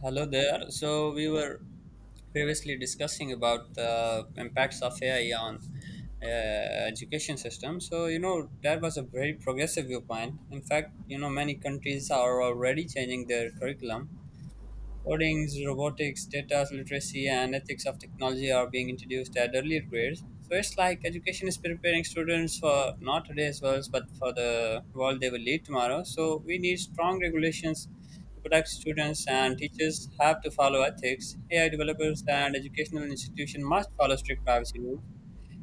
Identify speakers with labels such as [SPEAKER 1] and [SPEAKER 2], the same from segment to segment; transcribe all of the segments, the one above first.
[SPEAKER 1] Hello there. So we were previously discussing about the impacts of AI on education system. So you know that was a very progressive viewpoint. In fact, you know many countries are already changing their curriculum. Codings, robotics, data literacy, and ethics of technology are being introduced at earlier grades. So it's like education is preparing students for not today's world, but for the world they will lead tomorrow. So we need strong regulations to protect students, and teachers have to follow ethics. AI developers and educational institutions must follow strict privacy rules.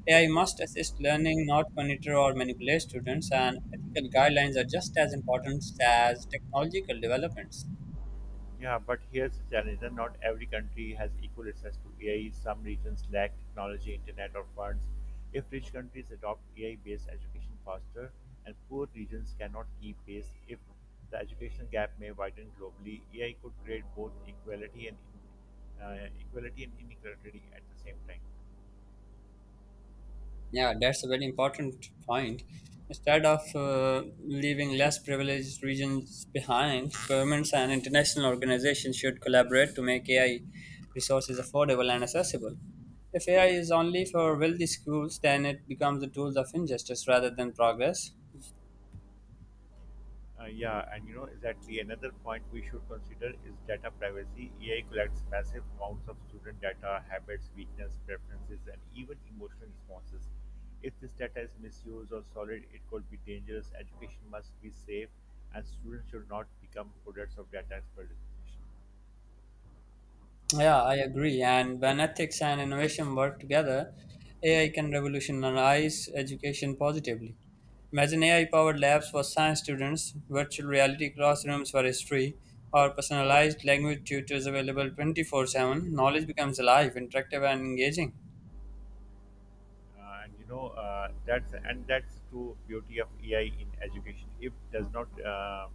[SPEAKER 1] AI must assist learning, not monitor or manipulate students, and ethical guidelines are just as important as technological developments.
[SPEAKER 2] Yeah, but here's the challenge that not every country has equal access to AI. Some regions lack technology, internet, or funds. If rich countries adopt AI based education faster, and poor regions cannot keep pace, if the education gap may widen globally, AI could create both equality and equality and inequality at the same time.
[SPEAKER 1] Yeah, that's a very important point. Instead of leaving less privileged regions behind, governments and international organizations should collaborate to make AI resources affordable and accessible. If AI is only for wealthy schools, then it becomes a tool of injustice rather than progress.
[SPEAKER 2] Yeah, and exactly, another point we should consider is data privacy. AI collects massive amounts of student data, habits, weakness, preferences, and even emotional responses. If this data is misused or solid, it could be dangerous. Education must be safe, and students should not become products of data exploitation.
[SPEAKER 1] Yeah, I agree. And when ethics and innovation work together, AI can revolutionize education positively. Imagine AI-powered labs for science students, virtual reality classrooms for history, or personalized language tutors available 24/7. Knowledge becomes alive, interactive, and engaging.
[SPEAKER 2] And that's the true beauty of AI in education. It does not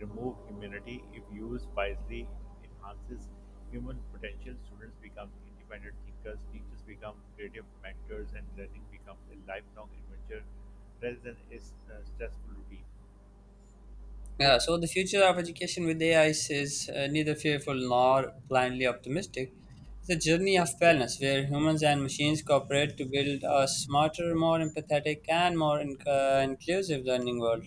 [SPEAKER 2] remove humanity. If used wisely, it enhances human potential. Students become independent thinkers. Teachers become creative mentors, and learning becomes a lifelong adventure rather than a stressful routine.
[SPEAKER 1] Yeah, so the future of education with AI is neither fearful nor blindly optimistic. It's a journey of balance where humans and machines cooperate to build a smarter, more empathetic, and more inclusive learning world.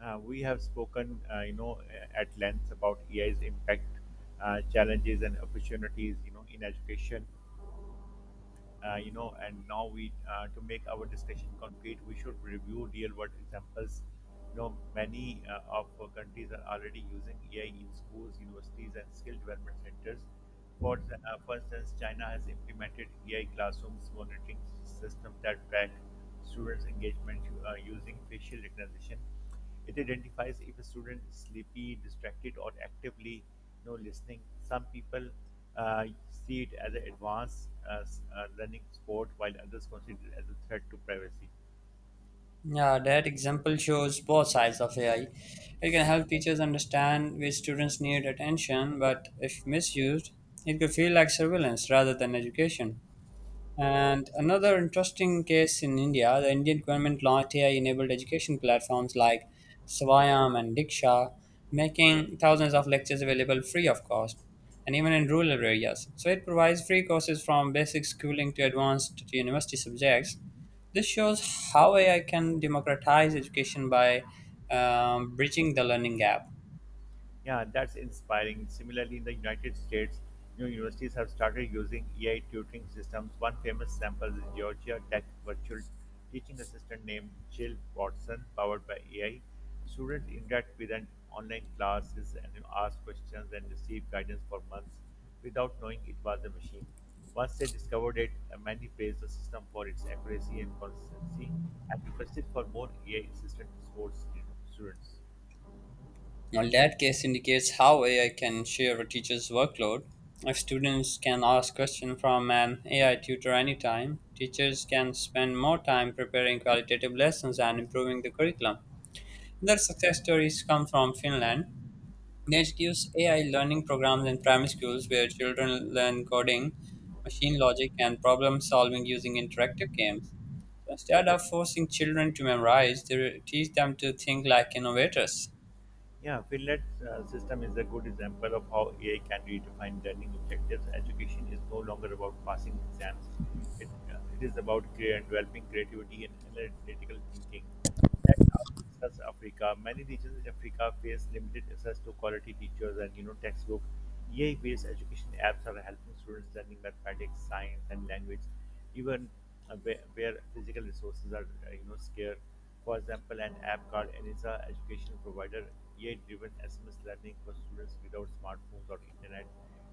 [SPEAKER 2] We have spoken, at length about AI's impact, challenges, and opportunities, in education. You know and Now we to make our discussion concrete, we should review real world examples. Many of our countries are already using ai in schools, universities, and skill development centers. For instance, china has implemented ai classrooms monitoring systems that track students engagement using facial recognition. It identifies if a student is sleepy, distracted, or actively listening. Some people uh, see it as an advanced learning sport, while others consider it as a threat to privacy.
[SPEAKER 1] Yeah, that example shows both sides of AI. It can help teachers understand which students need attention, but if misused, it could feel like surveillance rather than education. And another interesting case in India, the Indian government launched AI-enabled education platforms like Swayam and Diksha, making thousands of lectures available free of cost, and even in rural areas. So it provides free courses from basic schooling to advanced to university subjects. This shows how AI can democratize education by bridging the learning gap.
[SPEAKER 2] Yeah, that's inspiring. Similarly, in the United States, new universities have started using AI tutoring systems. One famous sample is Georgia Tech virtual teaching assistant named Jill Watson, powered by AI. Students interact with an online classes and ask questions and receive guidance for months without knowing it was a machine. Once they discovered it, many praised the system for its accuracy and consistency and requested for more AI assistant sports students.
[SPEAKER 1] Now, that case indicates how AI can share a teacher's workload. If students can ask questions from an AI tutor anytime, teachers can spend more time preparing qualitative lessons and improving the curriculum. Their success stories come from Finland. They introduce AI learning programs in primary schools where children learn coding, machine logic, and problem solving using interactive games. So instead of forcing children to memorize, they teach them to think like innovators.
[SPEAKER 2] Yeah, Finland's system is a good example of how AI can redefine learning objectives. Education is no longer about passing exams; it is about developing creativity and analytical thinking. That's how such Africa. Many regions in Africa face limited access to quality teachers and textbook. AI-based education apps are helping students learning mathematics, science, and language even where physical resources are scarce. For example, an app called Enisa Education Provider AI-driven SMS learning for students without smartphones or internet.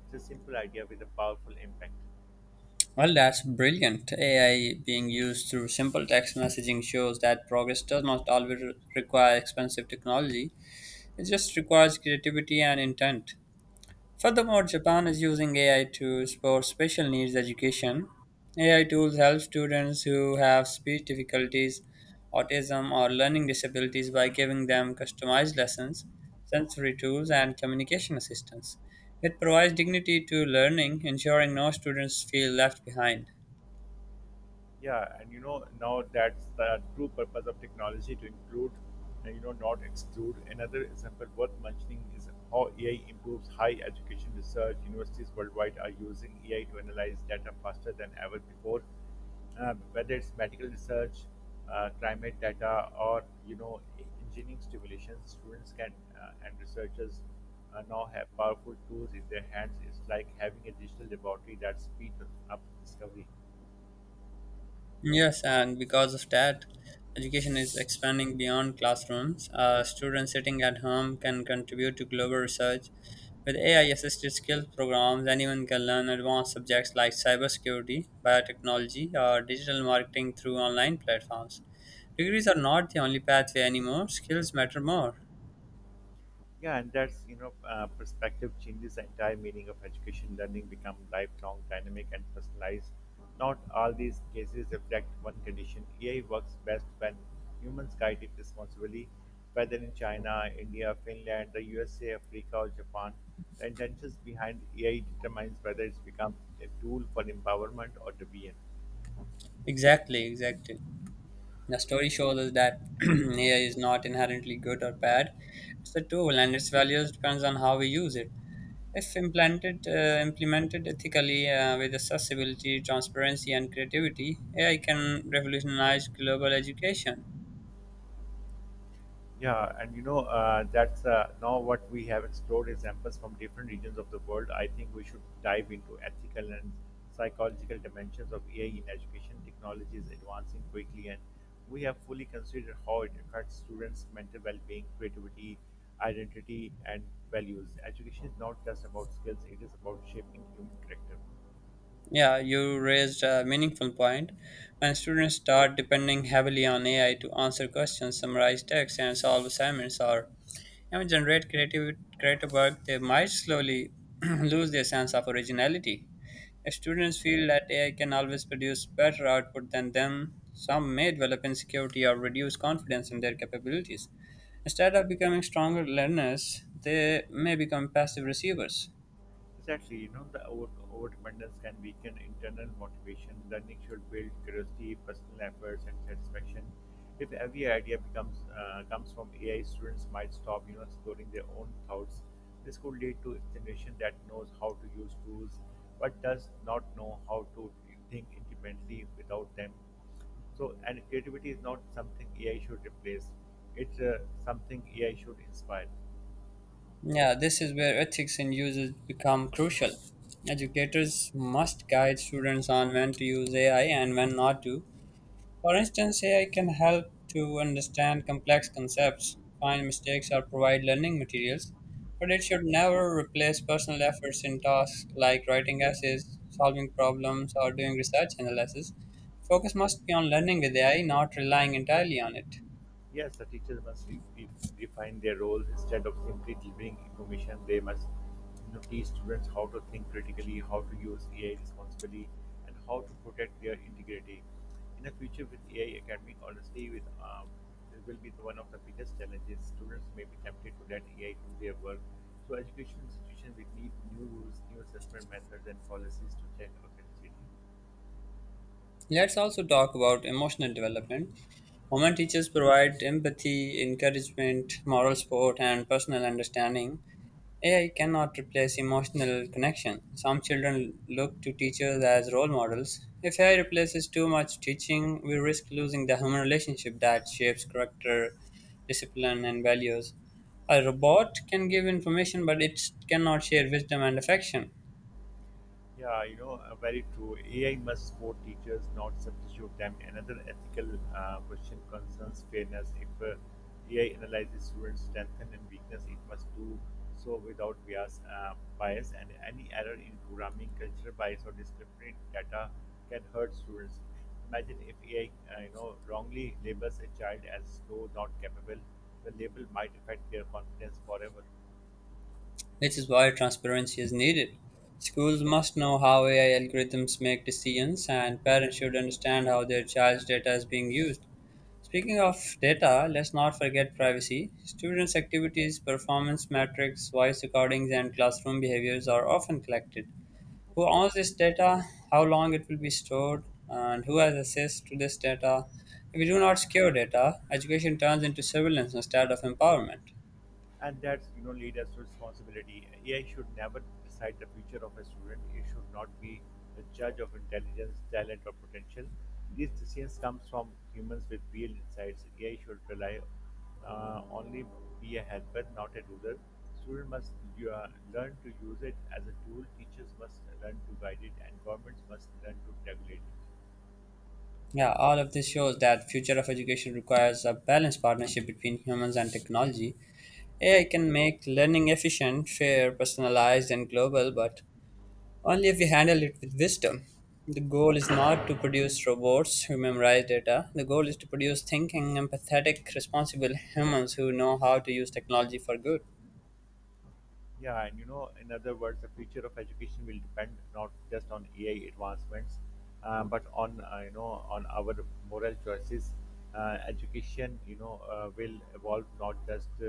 [SPEAKER 2] It's a simple idea with a powerful impact.
[SPEAKER 1] Well, that's brilliant. AI being used through simple text messaging shows that progress does not always require expensive technology, it just requires creativity and intent. Furthermore, Japan is using AI to support special needs education. AI tools help students who have speech difficulties, autism, or learning disabilities by giving them customized lessons, sensory tools, and communication assistance. It provides dignity to learning, ensuring no students feel left behind.
[SPEAKER 2] Yeah, and now that's the true purpose of technology to include and not exclude. Another example worth mentioning is how AI improves high education research. Universities worldwide are using AI to analyze data faster than ever before. Whether it's medical research, climate data, or engineering simulations, students can and researchers now have powerful tools in their hands. It's like having a digital laboratory that speeds up discovery.
[SPEAKER 1] Yes, and because of that, education is expanding beyond classrooms. Students sitting at home can contribute to global research. With AI assisted skills programs, anyone can learn advanced subjects like cybersecurity, biotechnology, or digital marketing through online platforms. Degrees are not the only pathway anymore, skills matter more.
[SPEAKER 2] Yeah, and that's perspective changes the entire meaning of education. Learning become lifelong, dynamic, and personalized. Not all these cases reflect one condition. AI works best when humans guide it responsibly. Whether in China, India, Finland, the USA, Africa, or Japan, the intentions behind AI determines whether it becomes a tool for empowerment or deviance.
[SPEAKER 1] Exactly, exactly. The story shows us that AI is not inherently good or bad. It's a tool and its values depends on how we use it. If implemented ethically with accessibility, transparency, and creativity, AI can revolutionize global education.
[SPEAKER 2] Yeah, and you know, that's now what we have explored examples from different regions of the world. I think we should dive into ethical and psychological dimensions of AI in education. Technology is advancing quickly, and we have fully considered how it affects students' mental well being, creativity, identity, and values. Education is not just about skills, it is about shaping human character.
[SPEAKER 1] Yeah, you raised a meaningful point. When students start depending heavily on AI to answer questions, summarize text, and solve assignments, or even generate creative work, they might slowly lose their sense of originality. If students feel that AI can always produce better output than them, some may develop insecurity or reduce confidence in their capabilities. Instead of becoming stronger learners, they may become passive receivers.
[SPEAKER 2] Exactly, the overdependence can weaken internal motivation. Learning should build curiosity, personal efforts, and satisfaction. If every idea becomes comes from AI, students might stop, exploring their own thoughts. This could lead to a generation that knows how to use tools, but does not know how to think independently without them. So, and creativity is not something AI should replace; it's something AI should inspire.
[SPEAKER 1] Yeah, this is where ethics in usage become crucial. Educators must guide students on when to use AI and when not to. For instance, AI can help to understand complex concepts, find mistakes, or provide learning materials, but it should never replace personal efforts in tasks like writing essays, solving problems, or doing research analysis. Focus must be on learning with AI, not relying entirely on it.
[SPEAKER 2] Yes, the teacher must define their role instead of simply delivering information. They must teach students how to think critically, how to use AI responsibly, and how to protect their integrity. In the future, with AI academic, honestly, with it will be the one of the biggest challenges. Students may be tempted to let AI do their work. So, education institutions will need new rules, new assessment methods, and policies to check authenticity.
[SPEAKER 1] Let's also talk about emotional development. Women teachers provide empathy, encouragement, moral support, and personal understanding. AI cannot replace emotional connection. Some children look to teachers as role models. If AI replaces too much teaching, we risk losing the human relationship that shapes character, discipline, and values. A robot can give information, but it cannot share wisdom and affection.
[SPEAKER 2] Yeah, very true. AI must support teachers, not substitute them. Another ethical question concerns fairness. If AI analyzes students' strength and weakness, it must do so without bias, and any error in programming, cultural bias, or discriminatory data can hurt students. Imagine if AI, wrongly labels a child as slow, not capable. The label might affect their confidence forever.
[SPEAKER 1] Which is why transparency is needed. Schools must know how AI algorithms make decisions, and parents should understand how their child's data is being used. Speaking of data, let's not forget privacy. Students' activities, performance metrics, voice recordings, and classroom behaviors are often collected. Who owns this data, how long it will be stored, and who has access to this data? If we do not secure data, education turns into surveillance instead of empowerment.
[SPEAKER 2] And that's lead us to responsibility. AI should never decide the future of a student. It should not be the judge of intelligence, talent, or potential. These decisions comes from humans with real insights. AI should rely only be a helper, not a ruler. Students must you learn to use it as a tool. Teachers must learn to guide it, and governments must learn to regulate it.
[SPEAKER 1] Yeah, all of this shows that future of education requires a balanced partnership between humans and technology. AI can make learning efficient, fair, personalized, and global, but only if we handle it with wisdom. The goal is not to produce robots who memorize data. The goal is to produce thinking, empathetic, responsible humans who know how to use technology for good.
[SPEAKER 2] Yeah, and in other words, the future of education will depend not just on AI advancements, but on you know on our moral choices. Education, will evolve not just uh,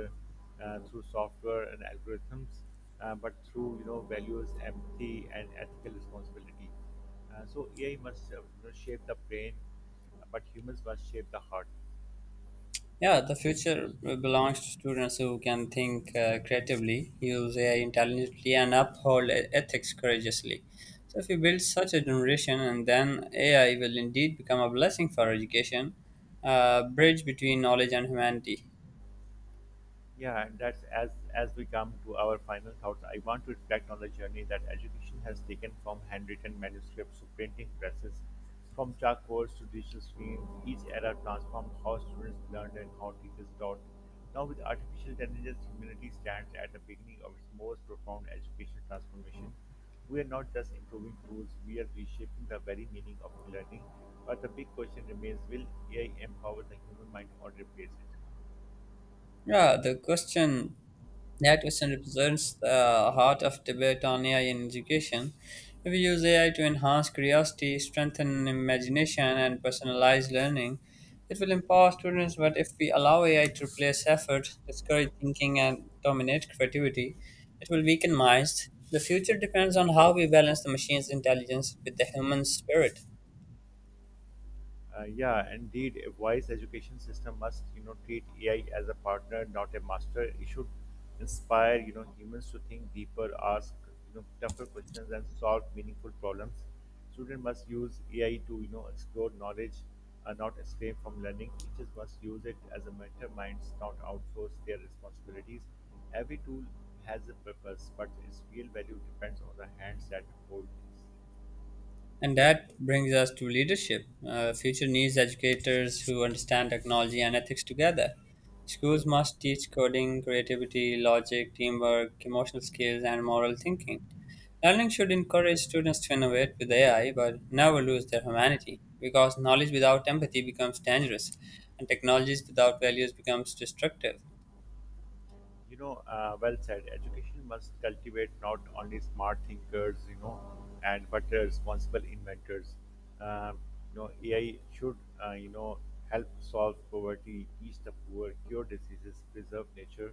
[SPEAKER 2] uh, through software and algorithms, but through values, empathy, and ethical responsibility. So AI must shape the brain, but humans must shape the heart.
[SPEAKER 1] Yeah, the future belongs to students who can think creatively, use AI intelligently, and uphold ethics courageously. So, if you build such a generation, and then AI will indeed become a blessing for education, a bridge between knowledge and humanity.
[SPEAKER 2] Yeah, and that's as we come to our final thoughts, I want to reflect on the journey that education has taken from handwritten manuscripts to printing presses, from chalkboards to digital screens. Each era transformed how students learned and how teachers taught. Now, with artificial intelligence, humanity stands at the beginning of its most profound educational transformation. We are not just improving tools, we are reshaping the very meaning of learning. But the big question remains, will AI empower the human mind or replace it?
[SPEAKER 1] Yeah, the question That question represents the heart of debate on AI in education. We use AI to enhance curiosity, strengthen imagination, and personalize learning. It will empower students, but if we allow AI to replace effort, discourage thinking, and dominate creativity, it will weaken minds. The future depends on how we balance the machine's intelligence with the human spirit.
[SPEAKER 2] Yeah, indeed, a wise education system must, treat AI as a partner, not a master. It should inspire, humans to think deeper, ask, tougher questions, and solve meaningful problems. Students must use AI to, explore knowledge, not escape from learning. Teachers must use it as a mentor minds, not outsource their responsibilities. Every tool has a purpose, but its real value depends on the hands that hold it.
[SPEAKER 1] And that brings us to leadership. Future needs educators who understand technology and ethics together. Schools must teach coding, creativity, logic, teamwork, emotional skills, and moral thinking. Learning should encourage students to innovate with AI but never lose their humanity because knowledge without empathy becomes dangerous and technologies without values becomes destructive.
[SPEAKER 2] Well said. Education must cultivate not only smart thinkers, you know, and but responsible inventors. Um AI should, uh, you know, help solve poverty, ease the poor, cure diseases, preserve nature,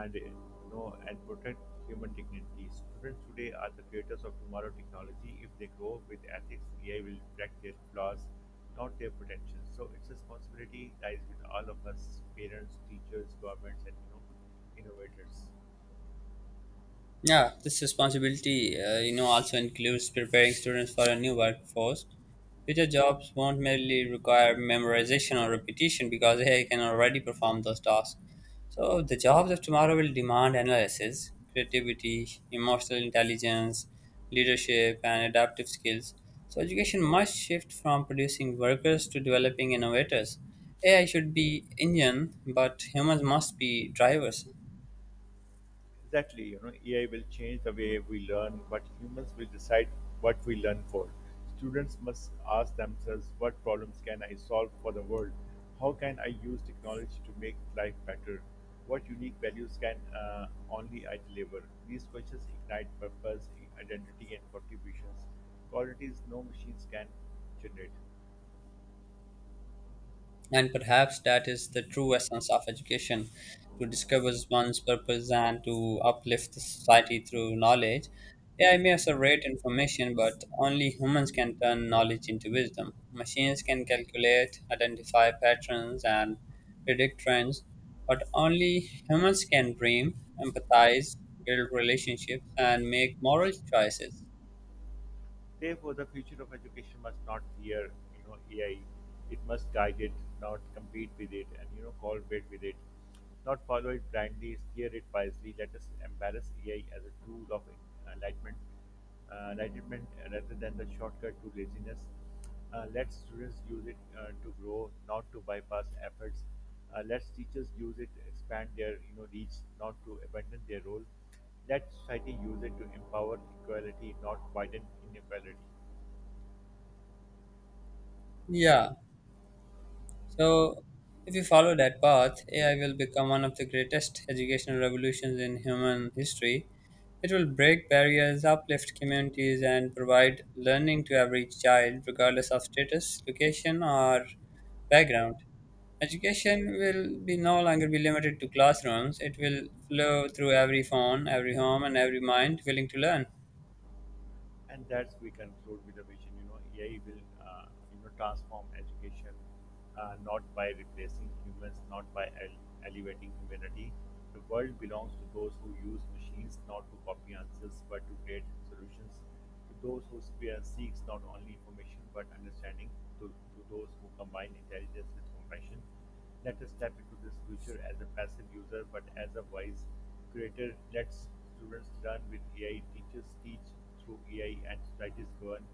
[SPEAKER 2] and protect human dignity. Students today are the creators of tomorrow technology. If they grow with ethics, AI will reflect their flaws, not their potential. So it's a responsibility lies with all of us, parents, teachers, governments, and innovators.
[SPEAKER 1] Yeah, this responsibility, also includes preparing students for a new workforce. Future jobs won't merely require memorization or repetition because AI can already perform those tasks. So the jobs of tomorrow will demand analysis, creativity, emotional intelligence, leadership, and adaptive skills. So education must shift from producing workers to developing innovators. AI should be engine, but humans must be drivers.
[SPEAKER 2] Exactly, AI will change the way we learn, but humans will decide what we learn for. Students must ask themselves, what problems can I solve for the world? How can I use technology to make life better? What unique values can only I deliver? These questions ignite purpose, identity, and contributions, qualities no machines can generate.
[SPEAKER 1] And perhaps that is the true essence of education to discover one's purpose and to uplift the society through knowledge. AI may asseverate information, but only humans can turn knowledge into wisdom. Machines can calculate, identify patterns, and predict trends, but only humans can dream, empathize, build relationships, and make moral choices.
[SPEAKER 2] Therefore, the future of education must not fear, AI. It must guide it, not compete with it, and collaborate with it. Not follow it blindly, steer it wisely. Let us embrace AI as a tool of enlightenment, enlightenment rather than the shortcut to laziness. Let students use it to grow, not to bypass efforts. Let teachers use it to expand their reach, not to abandon their role. Let society use it to empower equality, not widen inequality.
[SPEAKER 1] Yeah, so, if we follow that path, AI will become one of the greatest educational revolutions in human history. It will break barriers, uplift communities, and provide learning to every child, regardless of status, location, or background. Education will be no longer be limited to classrooms. It will flow through every phone, every home, and every mind willing to learn.
[SPEAKER 2] And that's we conclude with the vision. AI will transform education, not by replacing humans, not by elevating humanity. The world belongs to those who use machines not to copy answers but to create solutions. To those who spare seeks not only information but understanding. To those who combine intelligence with compassion. Let us step into this future as a passive user, but as a wise creator. Let students learn with AI, teachers teach through AI, and societies govern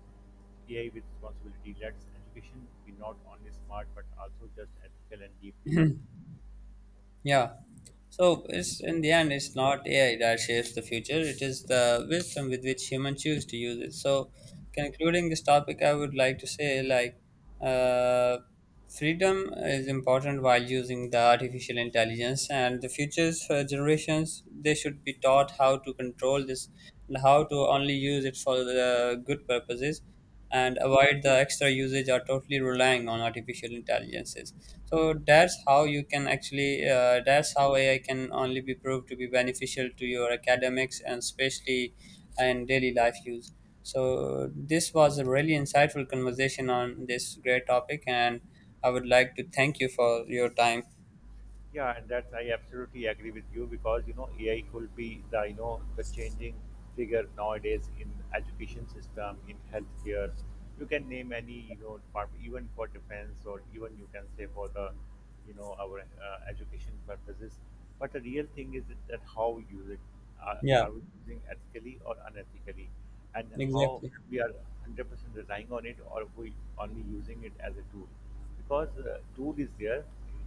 [SPEAKER 2] AI with responsibility. Let education be not only smart but also just ethical and deeply human.
[SPEAKER 1] Yeah. So it's in the end, it's not AI that shapes the future. It is the wisdom with which humans choose to use it. So, concluding this topic, I would like to say like, uh, freedom is important while using the artificial intelligence, and the futures for generations they should be taught how to control this and how to only use it for the good purposes and avoid the extra usage, Are totally relying on artificial intelligences. So that's how AI can only be proved to be beneficial to your academics and especially in daily life use. So this was a really insightful conversation on this great topic and I would like to thank you for your time.
[SPEAKER 2] Yeah, and that's I absolutely agree with you because AI could be the the changing figure nowadays in education system, in healthcare. You can name any department, even for defense or even you can say for the you know our education purposes. But the real thing is that how you use it. Are,
[SPEAKER 1] Yeah,
[SPEAKER 2] are we using ethically or unethically? And how
[SPEAKER 1] exactly,
[SPEAKER 2] we are 100% relying on it, or we only using it as a tool. Because tool is there.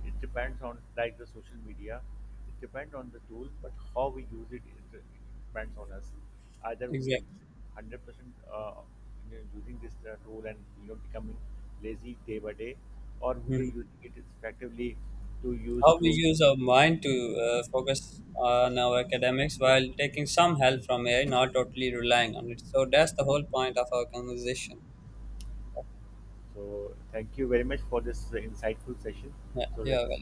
[SPEAKER 2] It depends on, like, the social media. It depends on the tool, but how we use it, it depends on us. Either we are
[SPEAKER 1] exactly.
[SPEAKER 2] 100% using this tool and becoming lazy day by day, or we are using it effectively to use
[SPEAKER 1] How we
[SPEAKER 2] to.
[SPEAKER 1] use our mind to focus on our academics while taking some help from AI, not totally relying on it. So that's the whole point of our conversation.
[SPEAKER 2] So thank you very much for this insightful session.
[SPEAKER 1] Yeah,
[SPEAKER 2] So
[SPEAKER 1] yeah.
[SPEAKER 2] let's